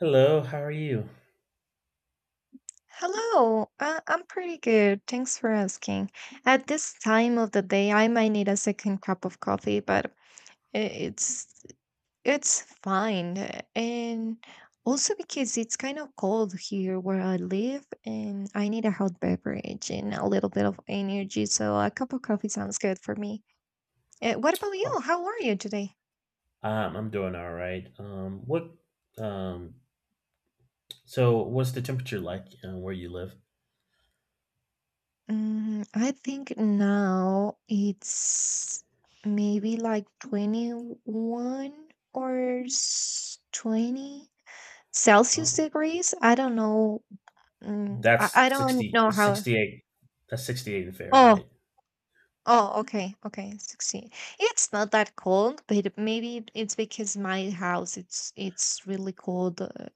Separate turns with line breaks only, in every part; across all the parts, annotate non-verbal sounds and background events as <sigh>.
Hello, how are you?
Hello, I'm pretty good. Thanks for asking. At this time of the day, I might need a second cup of coffee, but i- it's it's fine. And also because it's kind of cold here where I live, and I need a hot beverage and a little bit of energy, so a cup of coffee sounds good for me. What about you?
Oh,
How are you today?
I'm doing all right. Um, so what's the temperature like where you live?
I think now it's maybe like 21 or 20 Celsius
Oh,
degrees. I don't know. I,
that's
I don't
60,
know
that's
how.
68. That's 68 in
Oh,
Fahrenheit.
oh, okay, okay, 16. It's not that cold, but maybe it's because my house it's really cold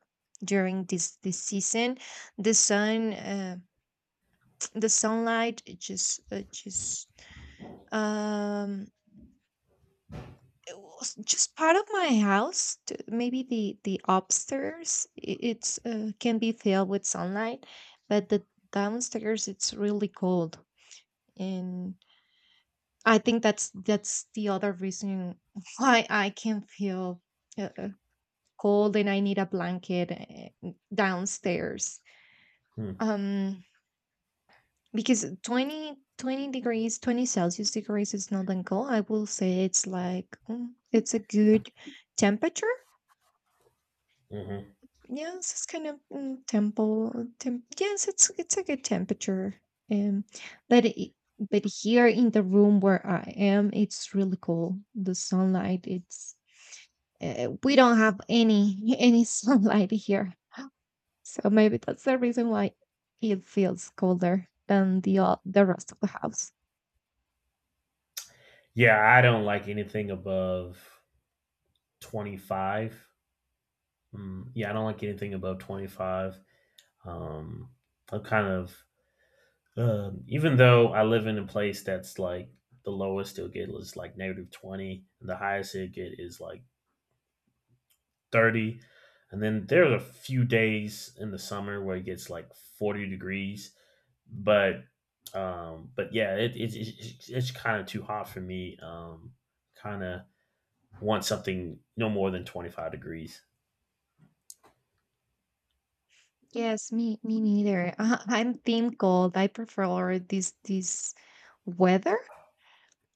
during this season. The sun, <tsk> the sunlight it just um it was just part of my house maybe the upstairs it's can be filled with sunlight, but the downstairs it's really cold, and I think that's the other reason <laughs> why I can feel uh, uh, cold and I need a blanket, downstairs.
Hmm.
um because 20 20 degrees 20 Celsius degrees is not that cold. I will say it's like, it's a good temperature.
hmm
Yes, it's kind of temple. Yes, it's a good temperature. Um, but it, but here in the room where I am, it's really cold. The sunlight, it's we don't have any <laughs> any sunlight here, so maybe that's the reason why it feels colder than the the rest of the house.
Yeah, I don't like anything above 25. Mm, yeah, I don't like anything above 25. Um, I'm kind of, even though I live in a place that's like the lowest it'll get is like negative 20, and the highest it'll get is like 30. And then there's a few days in the summer where it gets like 40 degrees. But but yeah, it's kind of too hot for me. Kind of want something no more than 25 degrees.
Yes, me neither. <laughs> I'm team cold. I prefer this weather.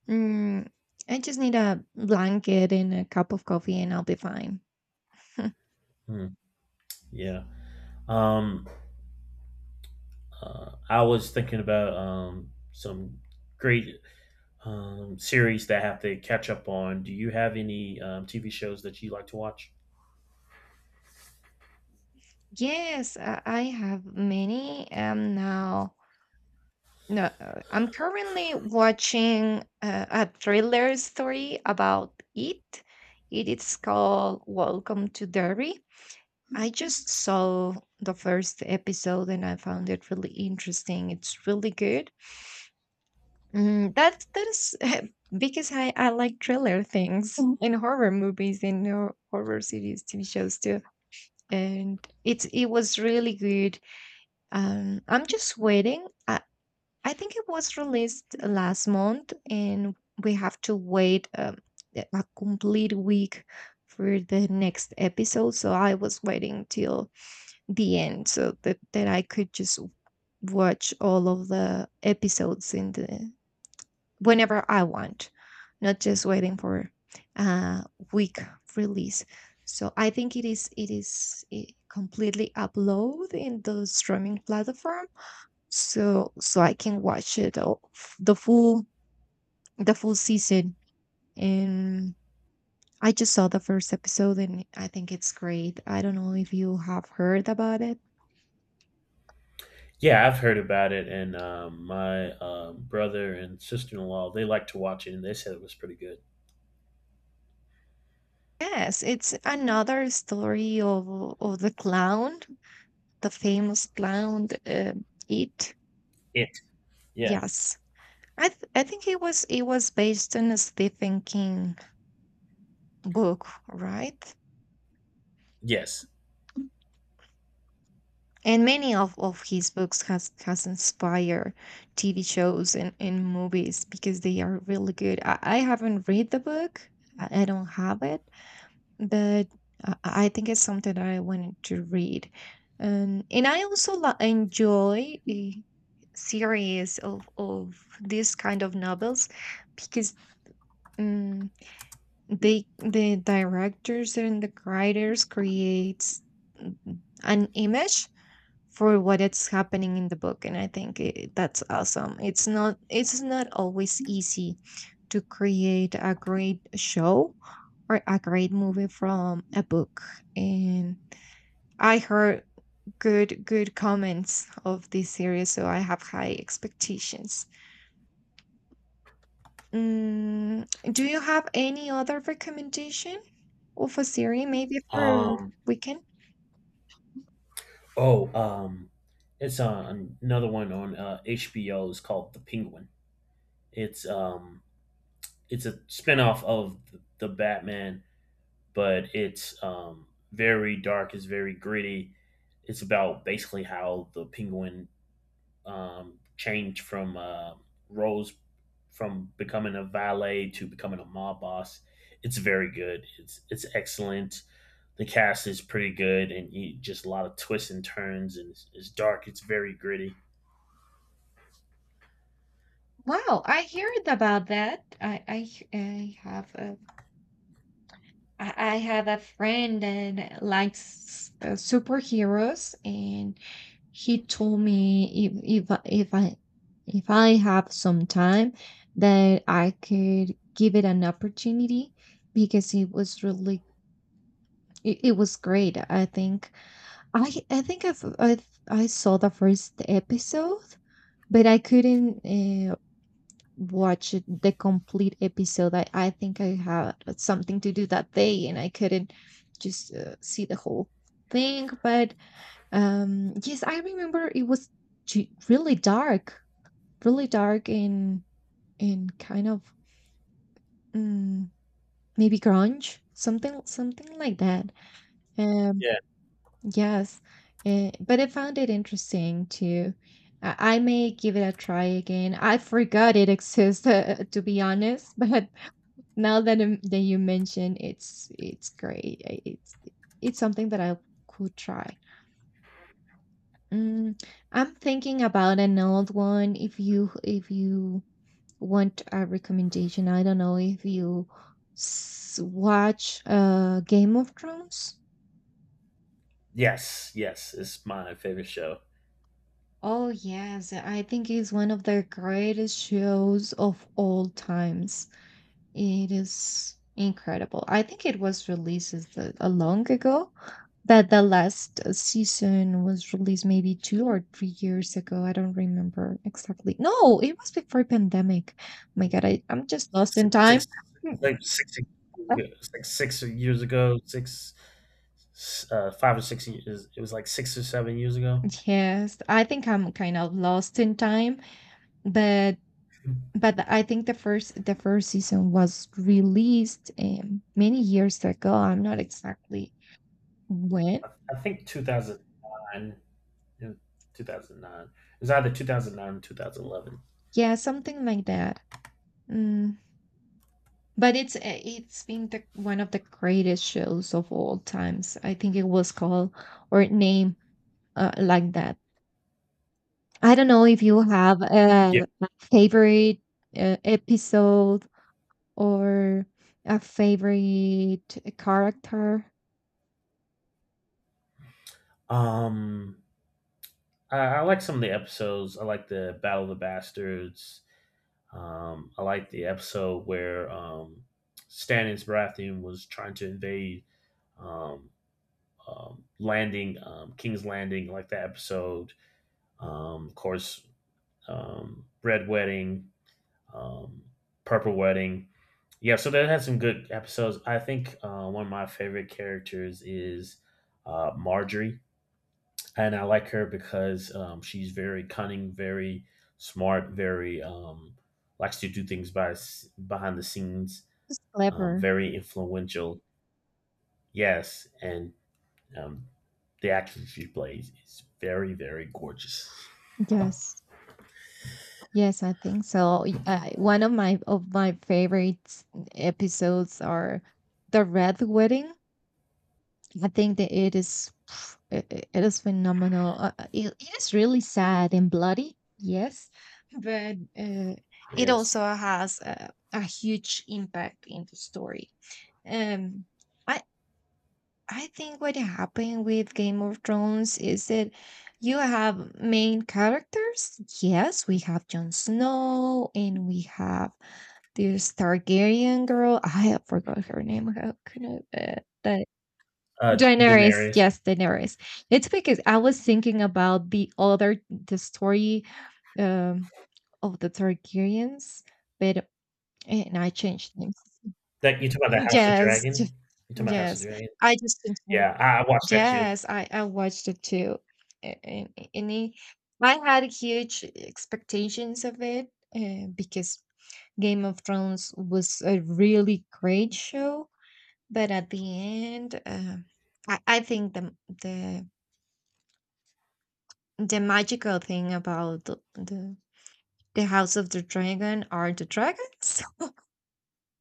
Mm, I just need a blanket and a cup of coffee and I'll be fine. <laughs>
Hmm, yeah. um I was thinking about some great series that I have to catch up on. Do you have any TV shows that you like to watch?
Yes, I have many now. No, I'm currently watching a thriller story about it. It is called Welcome to Derry. I just saw the first episode and I found it really interesting. It's really good. That is <laughs> because I like thriller things. Mhm. And horror movies and horror series, TV shows too. And it was really good. I'm just waiting. I think it was released last month, and we have to wait, a complete week, for the next episode. So I was waiting till the end, so that I could just watch all of the episodes in the whenever I want, not just waiting for a week release. So I think it is completely upload in the streaming platform, so I can watch it all, the full season. And I just saw the first episode, and I think it's great. I don't know if you have heard about it.
Yeah, I've heard about it, and my brother and sister in law, they like to watch it, and they said it was pretty good.
Yes, it's another story of the clown, the famous clown, it.
It, yeah,
Yes, I, I think it was based on a Stephen King book, right?
yes.
And many of his books has inspired TV shows and movies because they are really good. I haven't read the book. I don't have it, but I think it's something that I wanted to read. And I also enjoy the series of this kind of novels because, Mm, they, the directors and the writers, creates, mm, an image for what it's happening in the book. And I think that's awesome. It's not, always easy to create a great show or a great movie from a book. And I heard good comments of this series, so I have high expectations. mm, do you have any other recommendation? Of for Siri, maybe for
Um,
weekend?
oh, um, it's on another one on HBO. Is called The Penguin. It's um, it's a spinoff of the Batman, but it's very dark. It's very gritty. It's about basically how the Penguin change from roles from becoming a valet to becoming a mob boss. It's very good. It's excellent. The cast is pretty good, and you, just a lot of twists and turns, and it's dark. It's very gritty.
Wow, I heard about that. I have, uh, I have a friend that likes, superheroes, and he told me if I, if I have some time, that I could give it an opportunity because it was really, it was great. I think I saw the first episode, but I couldn't, watch it, the complete episode. I think I had something to do that day and I couldn't just, see the whole thing. But yes, I remember it was really dark, really dark, and kind of, mm, maybe grunge, something like that. Um,
Yeah.
yes, but I found it interesting too. I may give it a try again. I forgot it exists, <laughs> to be honest, <laughs> but now that that you mention, it's great. I- it's something that I could try. Mm, I'm thinking about an old one. If you want a recommendation, I don't know if you watch, Game of Thrones.
Yes. Yes. It's my favorite show.
Oh yes, I think it's one of the greatest shows of all times. It is incredible. I think it was released as a long ago, that the last season was released maybe 2 or 3 years ago. I don't remember exactly. No, it was before pandemic. Oh my God, I'm just lost in
Six,
time.
six,
<laughs>
like six, six years ago, six, five or six years. It was like 6 or 7 years ago.
Yes, I think I'm kind of lost in time, but I think the first season was released, many years ago. I'm not exactly when.
I, I think 2009. In 2009. It's either 2009 or 2011.
Yeah, something like that. Mm. But it's, it's been the, one of the greatest shows of all times. I think it was called or named, like that. I don't know if you have
Yeah.
a favorite, episode, or a favorite character.
Um, I like some of the episodes. I like the Battle of the Bastards. I like the episode where Stannis Baratheon was trying to invade um, King's Landing. I like that episode. Of course, Red Wedding. um, Purple Wedding. Yeah, so that had some good episodes. I think one of my favorite characters is Marjorie, and I like her because she's very cunning, very smart, very likes to do things by behind the scenes,
It's clever.
very influential. Yes, and um, the actress she plays is very, very gorgeous.
Yes. Yes, I think so. Y- one of my favorite episodes are the Red Wedding. I think that it is <sniffs> it is phenomenal. It is really sad and bloody, yes, but, it
Yes,
also has a huge impact in the story. Um, I I think what happened with Game of Thrones is that you have main characters. Yes, we have Jon Snow and we have this Targaryen girl. I forgot her name. How could I? Uh, Daenerys,
Daenerys.
yes, Daenerys. It's because I was thinking about the story, um, of the Targaryens, but, and I changed names.
That you talking about the House of
Yes,
Dragon? You talking about House of
yes,
Dragon?
I just changed him.
Yeah, I watched that too.
Yes, I watched it too, a- and, and I had huge expectations of it, because Game of Thrones was a really great show, but at the end, I think the the magical thing about the House of the Dragon are the dragons. <laughs>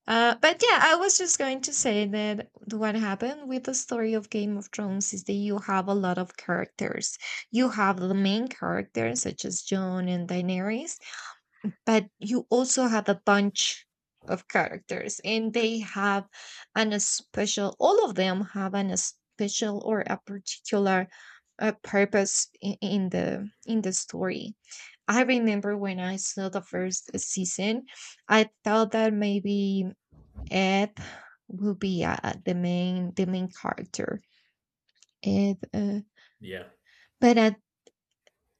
But yeah, I was just going to say that what happened with the story of Game of Thrones is that you have a lot of characters. You have the main characters such as Jon and Daenerys, but you also have a bunch of characters and they have an a special all of them have an a special or a particular, purpose in the story. I remember when I saw the first season, I thought that maybe Ed will be, the main character. Ed
Yeah.
But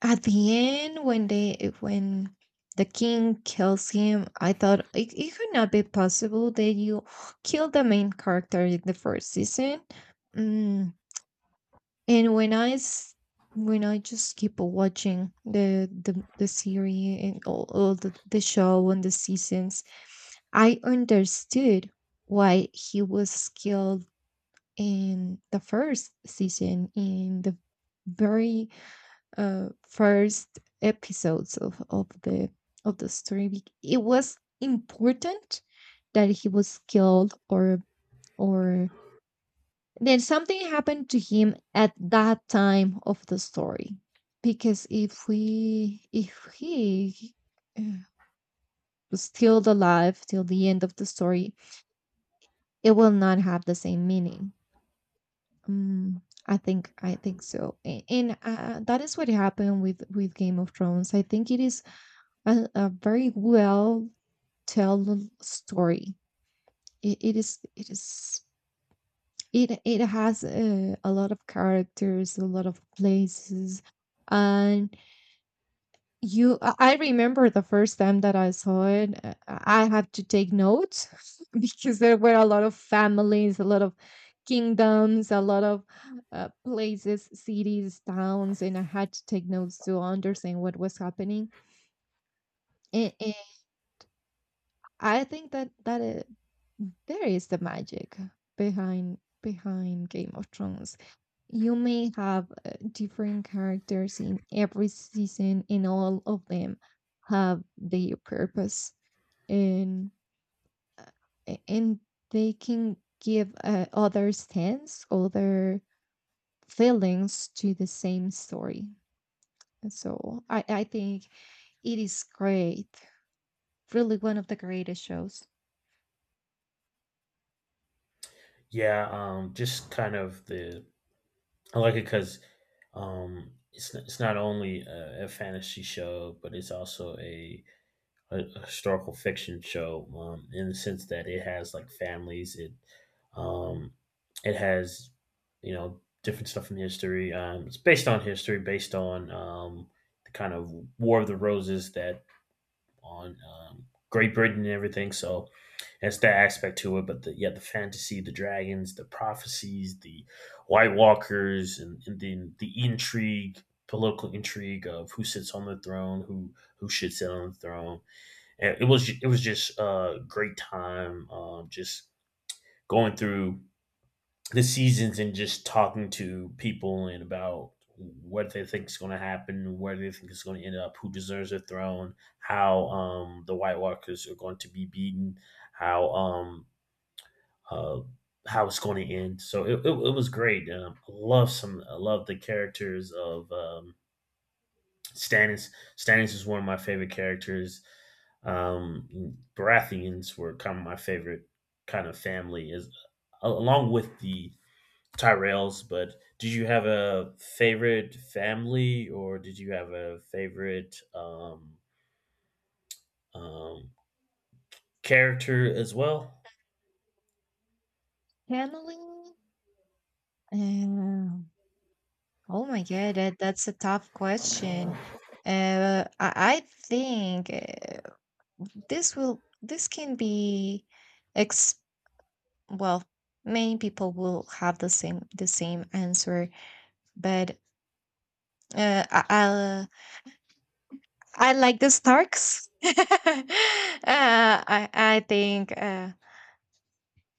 at the end, when they when the king kills him, I thought it could not be possible that you killed the main character in the first season. Mm. And when when I just keep watching the series and all the show and the seasons, I understood why he was killed in the first season, in the very, first episodes of the story. It was important that he was killed, or then something happened to him at that time of the story. Because if he, uh, was still alive till the end of the story, it will not have the same meaning. Mm, I think so. And, that is what happened with Game of Thrones. I think it is a very well told story. It, it is it is it it has, a lot of characters, a lot of places, and you. I remember the first time that I saw it, I had to take notes <laughs> because there were a lot of families, a lot of kingdoms, a lot of, places, cities, towns, and I had to take notes to understand what was happening. And I think that there is the magic behind Game of Thrones. You may have, different characters in every season, and all of them have their purpose, and, uh, and they can give, other stance, other feelings to the same story. And so I think it is great, really one of the greatest shows.
Yeah, just kind of the. I like it because, it's not only a fantasy show, but it's also a historical fiction show, in the sense that it has like families, it um, it has, you know, different stuff in history. It's based on history, based on the kind of War of the Roses that on Great Britain and everything. So that's that aspect to it. But the, yeah, the fantasy, the dragons, the prophecies, the White Walkers, and then the intrigue, political intrigue of who sits on the throne, who should sit on the throne. And it was just a great time, just going through the seasons and just talking to people and about what they think is going to happen, where they think it's going to end up, who deserves the throne, how the White Walkers are going to be beaten, how um, uh, how it's going to end. So it was great. I love some. I love the characters of Stannis. Stannis is one of my favorite characters. Baratheons were kind of my favorite kind of family, is along with the Tyrells, but did you have a favorite family or did you have a favorite um, character as well?
Family, oh my God, that's a tough question. I think, this will this can be ex well, many people will have the same answer, but, I I'll- I like the Starks. <laughs> I think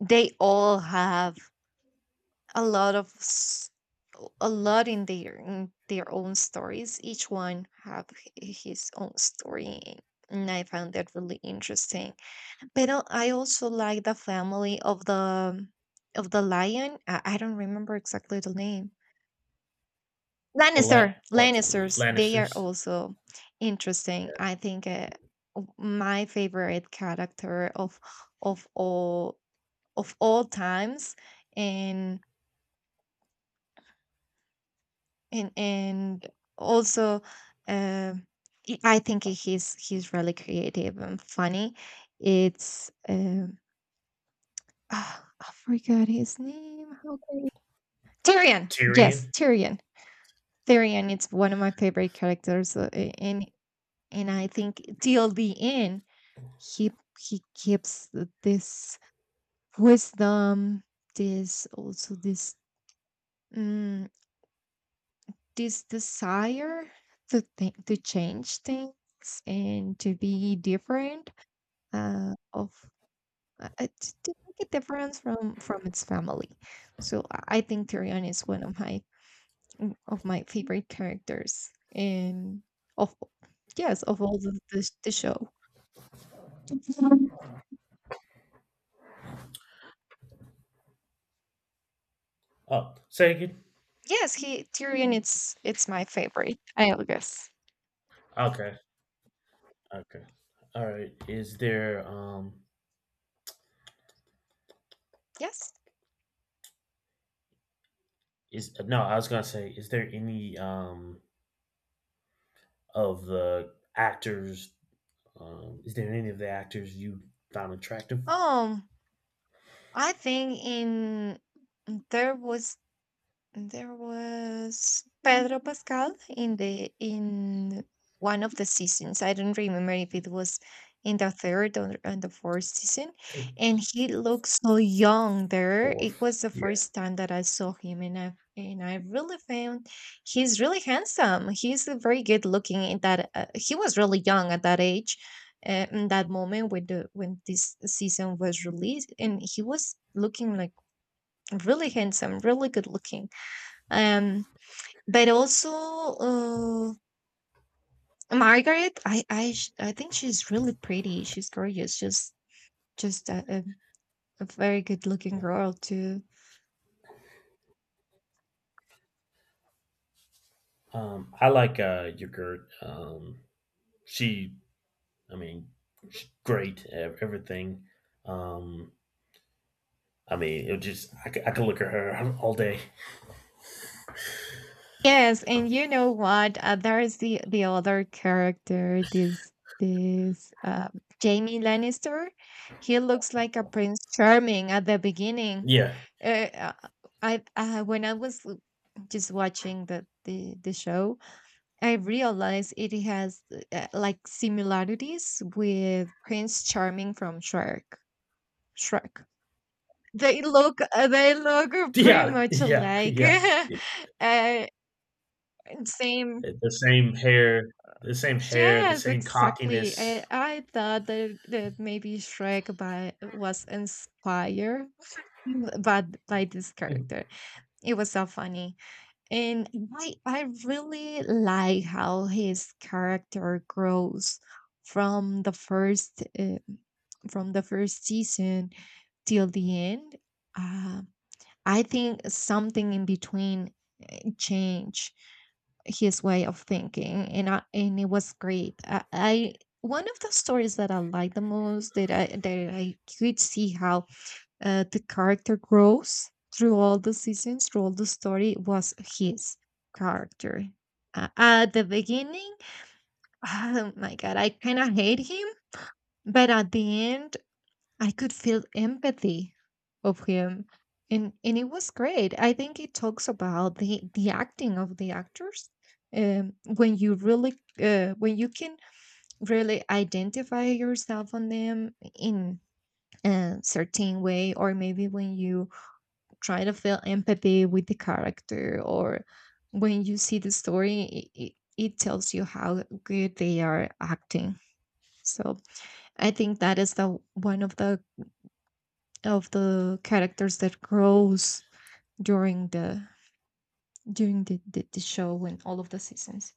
they all have a lot of s- a lot in their own stories, each one have his own story, and I found that really interesting. But I also like the family of the lion. I don't remember exactly the name.
The Lan-
Lannister,
what's it,
Lannisters, they are
Lannisters?
also interesting. I think, my favorite character of all of all times, and and also um I think he's really creative and funny. It's <sighs> I forgot his name. How can... Tyrion, yes,
Tyrion?
Tyrion. Tyrion, it's one of my favorite characters. And I think till the end he keeps this wisdom, this also, mm, this desire to think, to change things and to be different. uh, of to make a difference from its family. So I think Tyrion is one of my, of my favorite characters, and of, yes, of all the show. Mhm.
Oh, say again.
Yes, he, Tyrion, it's my favorite, I guess.
Okay, okay, all right. Is there
Yes.
is no? I was gonna say, is there any of the actors? Is there any of the actors you found attractive?
um I think in there was There was Pedro Pascal in the in one of the seasons. I don't remember if it was in the third or and the fourth season.
I think
And
the
he looked so young there. It
fourth.
was the
Yeah.
first time that I saw him, and I really found he's really handsome. He's a very good looking in that, he was really young at that age. In that moment, when the when this season was released, and he was looking like really handsome, really good looking. Um, but also, Margaret, I think she's really pretty. She's gorgeous. She's just a very good looking
Yeah.
girl too.
I like your girl. She, I mean, she's great at everything. Um, I mean, it just I, c- I could look at her <laughs> all day.
Yes, and you know what? There's the other character, this Jamie Lannister. He looks like a prince charming at the beginning.
Yeah,
Uh, uh, I When I was just watching the the show, I realize it has, like, similarities with Prince Charming from Shrek. Shrek. They look, they look pretty
yeah,
much
yeah,
alike.
yeah. It,
<laughs> uh, Same.
it- the same hair, the same hair, the
Yes,
same
exactly.
cockiness.
I thought that, that maybe Shrek was inspired <laughs> but by this
Mm.
character. It was so funny. And I really like how his character grows from the first uh, from the first season till the end. Uh, I think something in between changed his way of thinking, and and it was great. I one of the stories that I like the most, that I could see how, the character grows through all the seasons, through all the story, was his character. At the beginning, <laughs> oh my God, I kind of hate him, but at the end, I could feel empathy of him. And it was great. I think it talks about the acting of the actors. When you really, when you can really identify yourself on them in a certain way, or maybe when you try to feel empathy with the character, or when you see the story, it tells you how good they are acting. So I think that is the one of the characters that grows during the during the show and all of the seasons.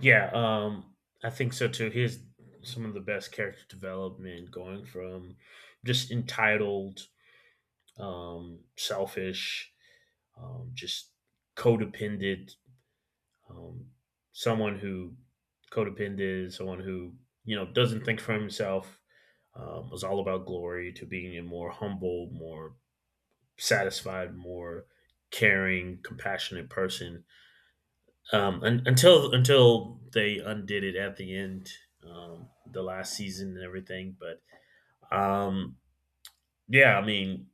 Yeah, I think so too. He has some of the best character development going from just entitled, selfish, just codependent. Um, someone who Codependent is, someone who, you know, doesn't think for himself, was all about glory to being a more humble, more satisfied, more caring, compassionate person. Until they undid it at the end, the last season and everything. But um, yeah, I mean,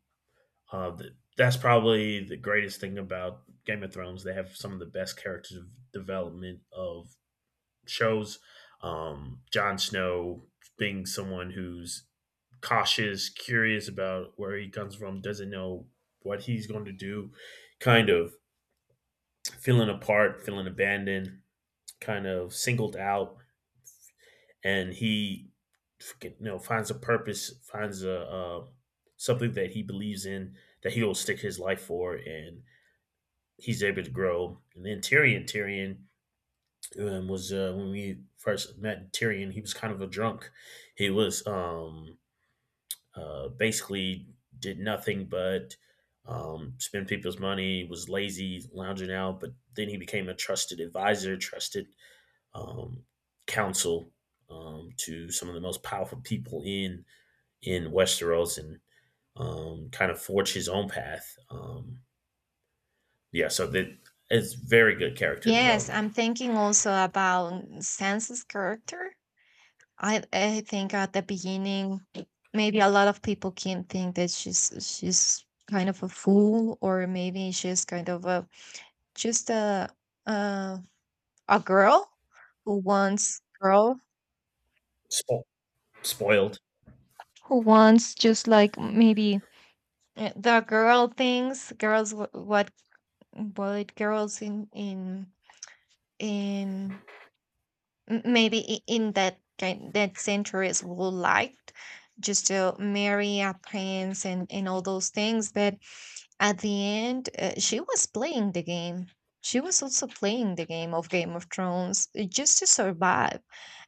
that's probably the greatest thing about Game of Thrones. They have some of the best character development of shows. Jon Snow being someone who's cautious, curious about where he comes from, doesn't know what he's going to do, kind of feeling apart, feeling abandoned, kind of singled out, and he, you know, finds a purpose, finds a something that he believes in that he'll stick his life for, and he's able to grow. And then Tyrion, Tyrion was when we first met Tyrion. He was kind of a drunk. He was basically did nothing but spend people's money. Was lazy, lounging out. But then he became a trusted advisor, trusted um, counsel to some of the most powerful people in Westeros, and kind of forged his own path. Yeah, so that it's very good character
Yes,
development.
I'm thinking also about Sansa's character. I think at the beginning, maybe a lot of people can think that she's kind of a fool, or maybe she's kind of a just uh, a girl who wants girl
Spo- Spoiled.
who wants, just, like, maybe the girl things girls wh- what girls in in in that kind that centuries would liked, just to marry a prince and all those things, but at the end, she was playing the game. She was also playing the game of Game of Thrones, just to survive.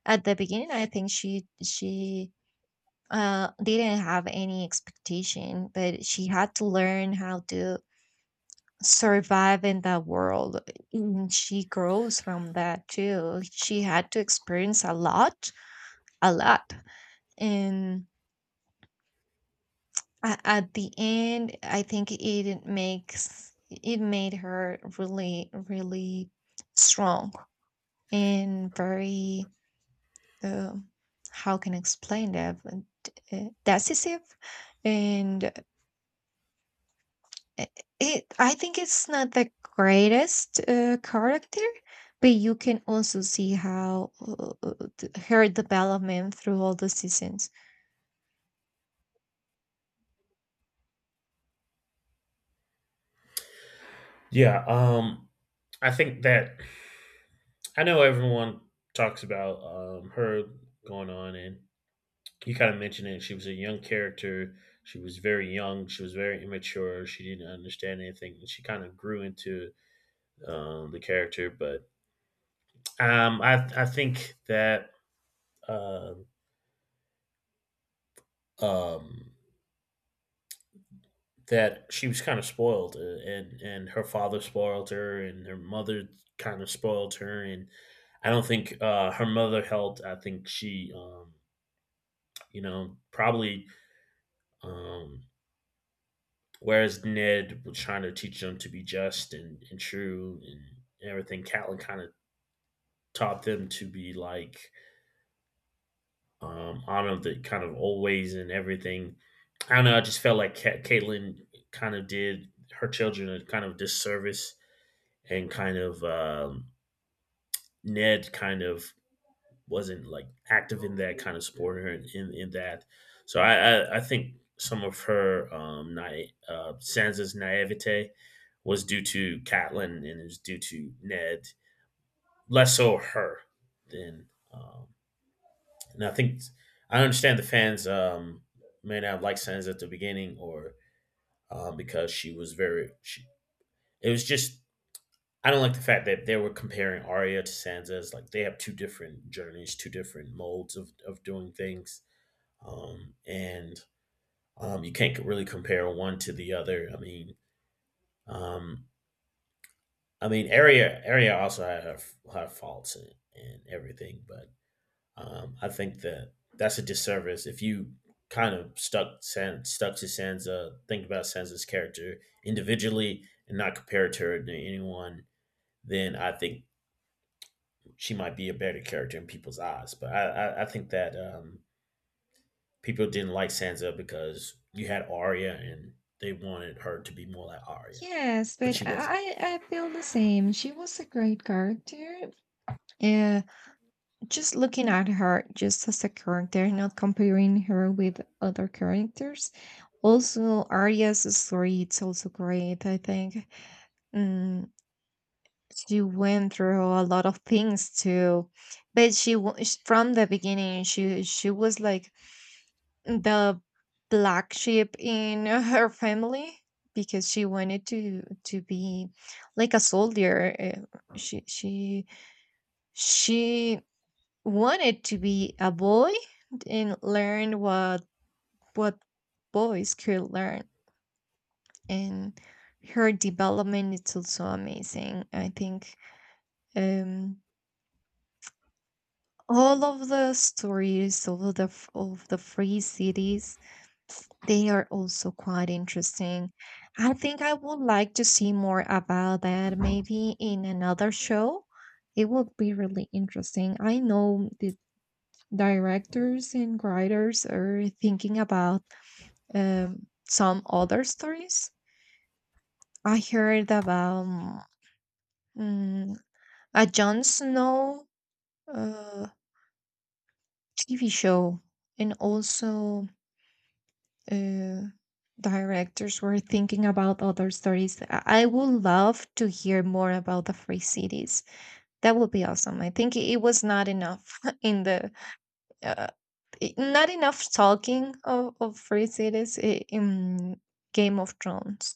At the beginning, I think she didn't have any expectation, but she had to learn how to survive in that world. And she grows from that too. She had to experience a lot, and at the end, I think it makes it made her really, really strong, and very, uh, how can I explain that. But, decisive and, uh, it, I think it's not the greatest character, but you can also see how, her development through all the seasons.
Yeah. I think that I know everyone talks about her going on, and you kind of mentioned it. She was a young character. She was very young. She was very immature. She didn't understand anything. And she kind of grew into the character, but I think that uh, um, that she was kind of spoiled, and her father spoiled her, and her mother kind of spoiled her, and I don't think her mother helped. I think you know, probably. Um, Whereas Ned was trying to teach them to be just and true and everything, Catelyn kind of taught them to be like honor the kind of old ways and everything. I don't know. I just felt like Caitlyn kind of did her children a kind of disservice, and kind of Ned kind of wasn't like active in that kind of sport or in that. So I, I think some of her Sansa's naivete was due to Catelyn and is due to Ned, less so her than. Um, and I think I understand the fans may not like Sansa at the beginning or because she was very. She, it was just I don't like the fact that they were comparing Arya to Sansa's. Like they have two different journeys, two different molds of doing things. And You can't really compare one to the other. Um, I mean, area also had her faults and everything, but I think that that's a disservice if you kind of stuck stuck to Sansa, think about Sansa's character individually and not compare it to her to anyone. Then I think she might be a better character in people's eyes. But I think that people didn't like Sansa because you had Arya and they wanted her to be more like Arya,
Yes,
but
but
she wasn't.
I feel the same. She was a great character. Uh, just looking at her just as a character, not comparing her with other characters. Also, Arya's story, it's also great, I think. Mm, she went through a lot of things too, but from the beginning she was like the black sheep in <laughs> her family, because she wanted to be like a soldier. She she she wanted to be a boy and learn what what boys could learn. And her development is also amazing, I think. um all of the stories of the of the free cities, they are also quite interesting. I think I would like to see more about that, maybe in another show. It would be really interesting. I know the directors and writers are thinking about, some other stories. I heard about, mm, a Jon Snow, uh, TV show, and also, uh, directors were thinking about other stories. I would love to hear more about the free cities. That would be awesome. I think it was not enough <laughs> in the, uh, not enough talking of free cities in Game of Thrones.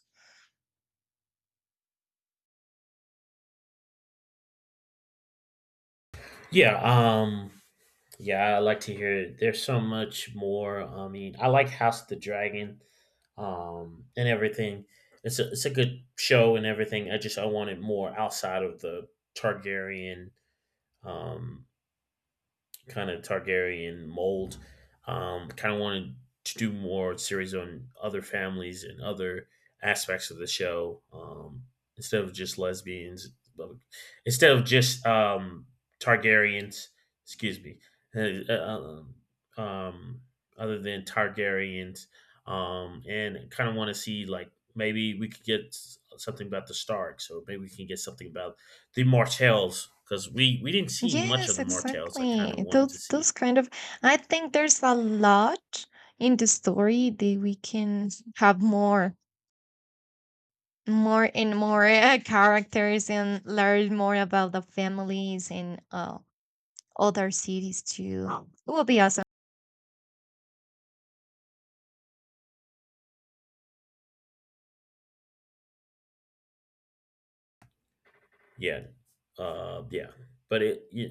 Yeah, um yeah, I like to hear it. There's so much more. I mean, I like House of the Dragon and everything. It's a good show and everything. I just I wanted more outside of the Targaryen um kind of Targaryen mold. Kind of wanted to do more series on other families and other aspects of the show, instead of just lesbians, instead of just Targaryens. Excuse me. Uh, uh, um, um, Other than Targaryens, and kind of want to see like maybe we could get something about the Stark. So maybe we can get something about the Martells because we didn't see much of
Yes,
the Martells. I kind
exactly.
of wanted to see.
Those kind of, I think there's a lot in the story that we can have more more and more, characters, and learn more about the families and, other cities too. It will be awesome.
Yeah, yeah, yeah,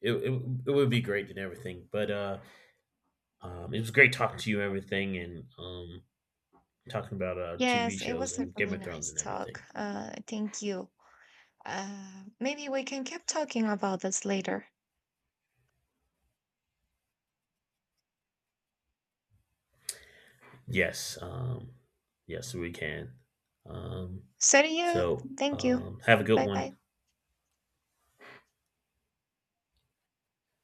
it would be great and everything. But It was great talking to you, and everything, and talking about TV
Yes, it
shows
was a
and Game
really
of Thrones
nice
and
talk.
everything.
Thank you. Maybe we can keep talking about this later.
Yes, um, yes, we can. Um,
So do you. Thank you.
have a good
Bye bye.
one.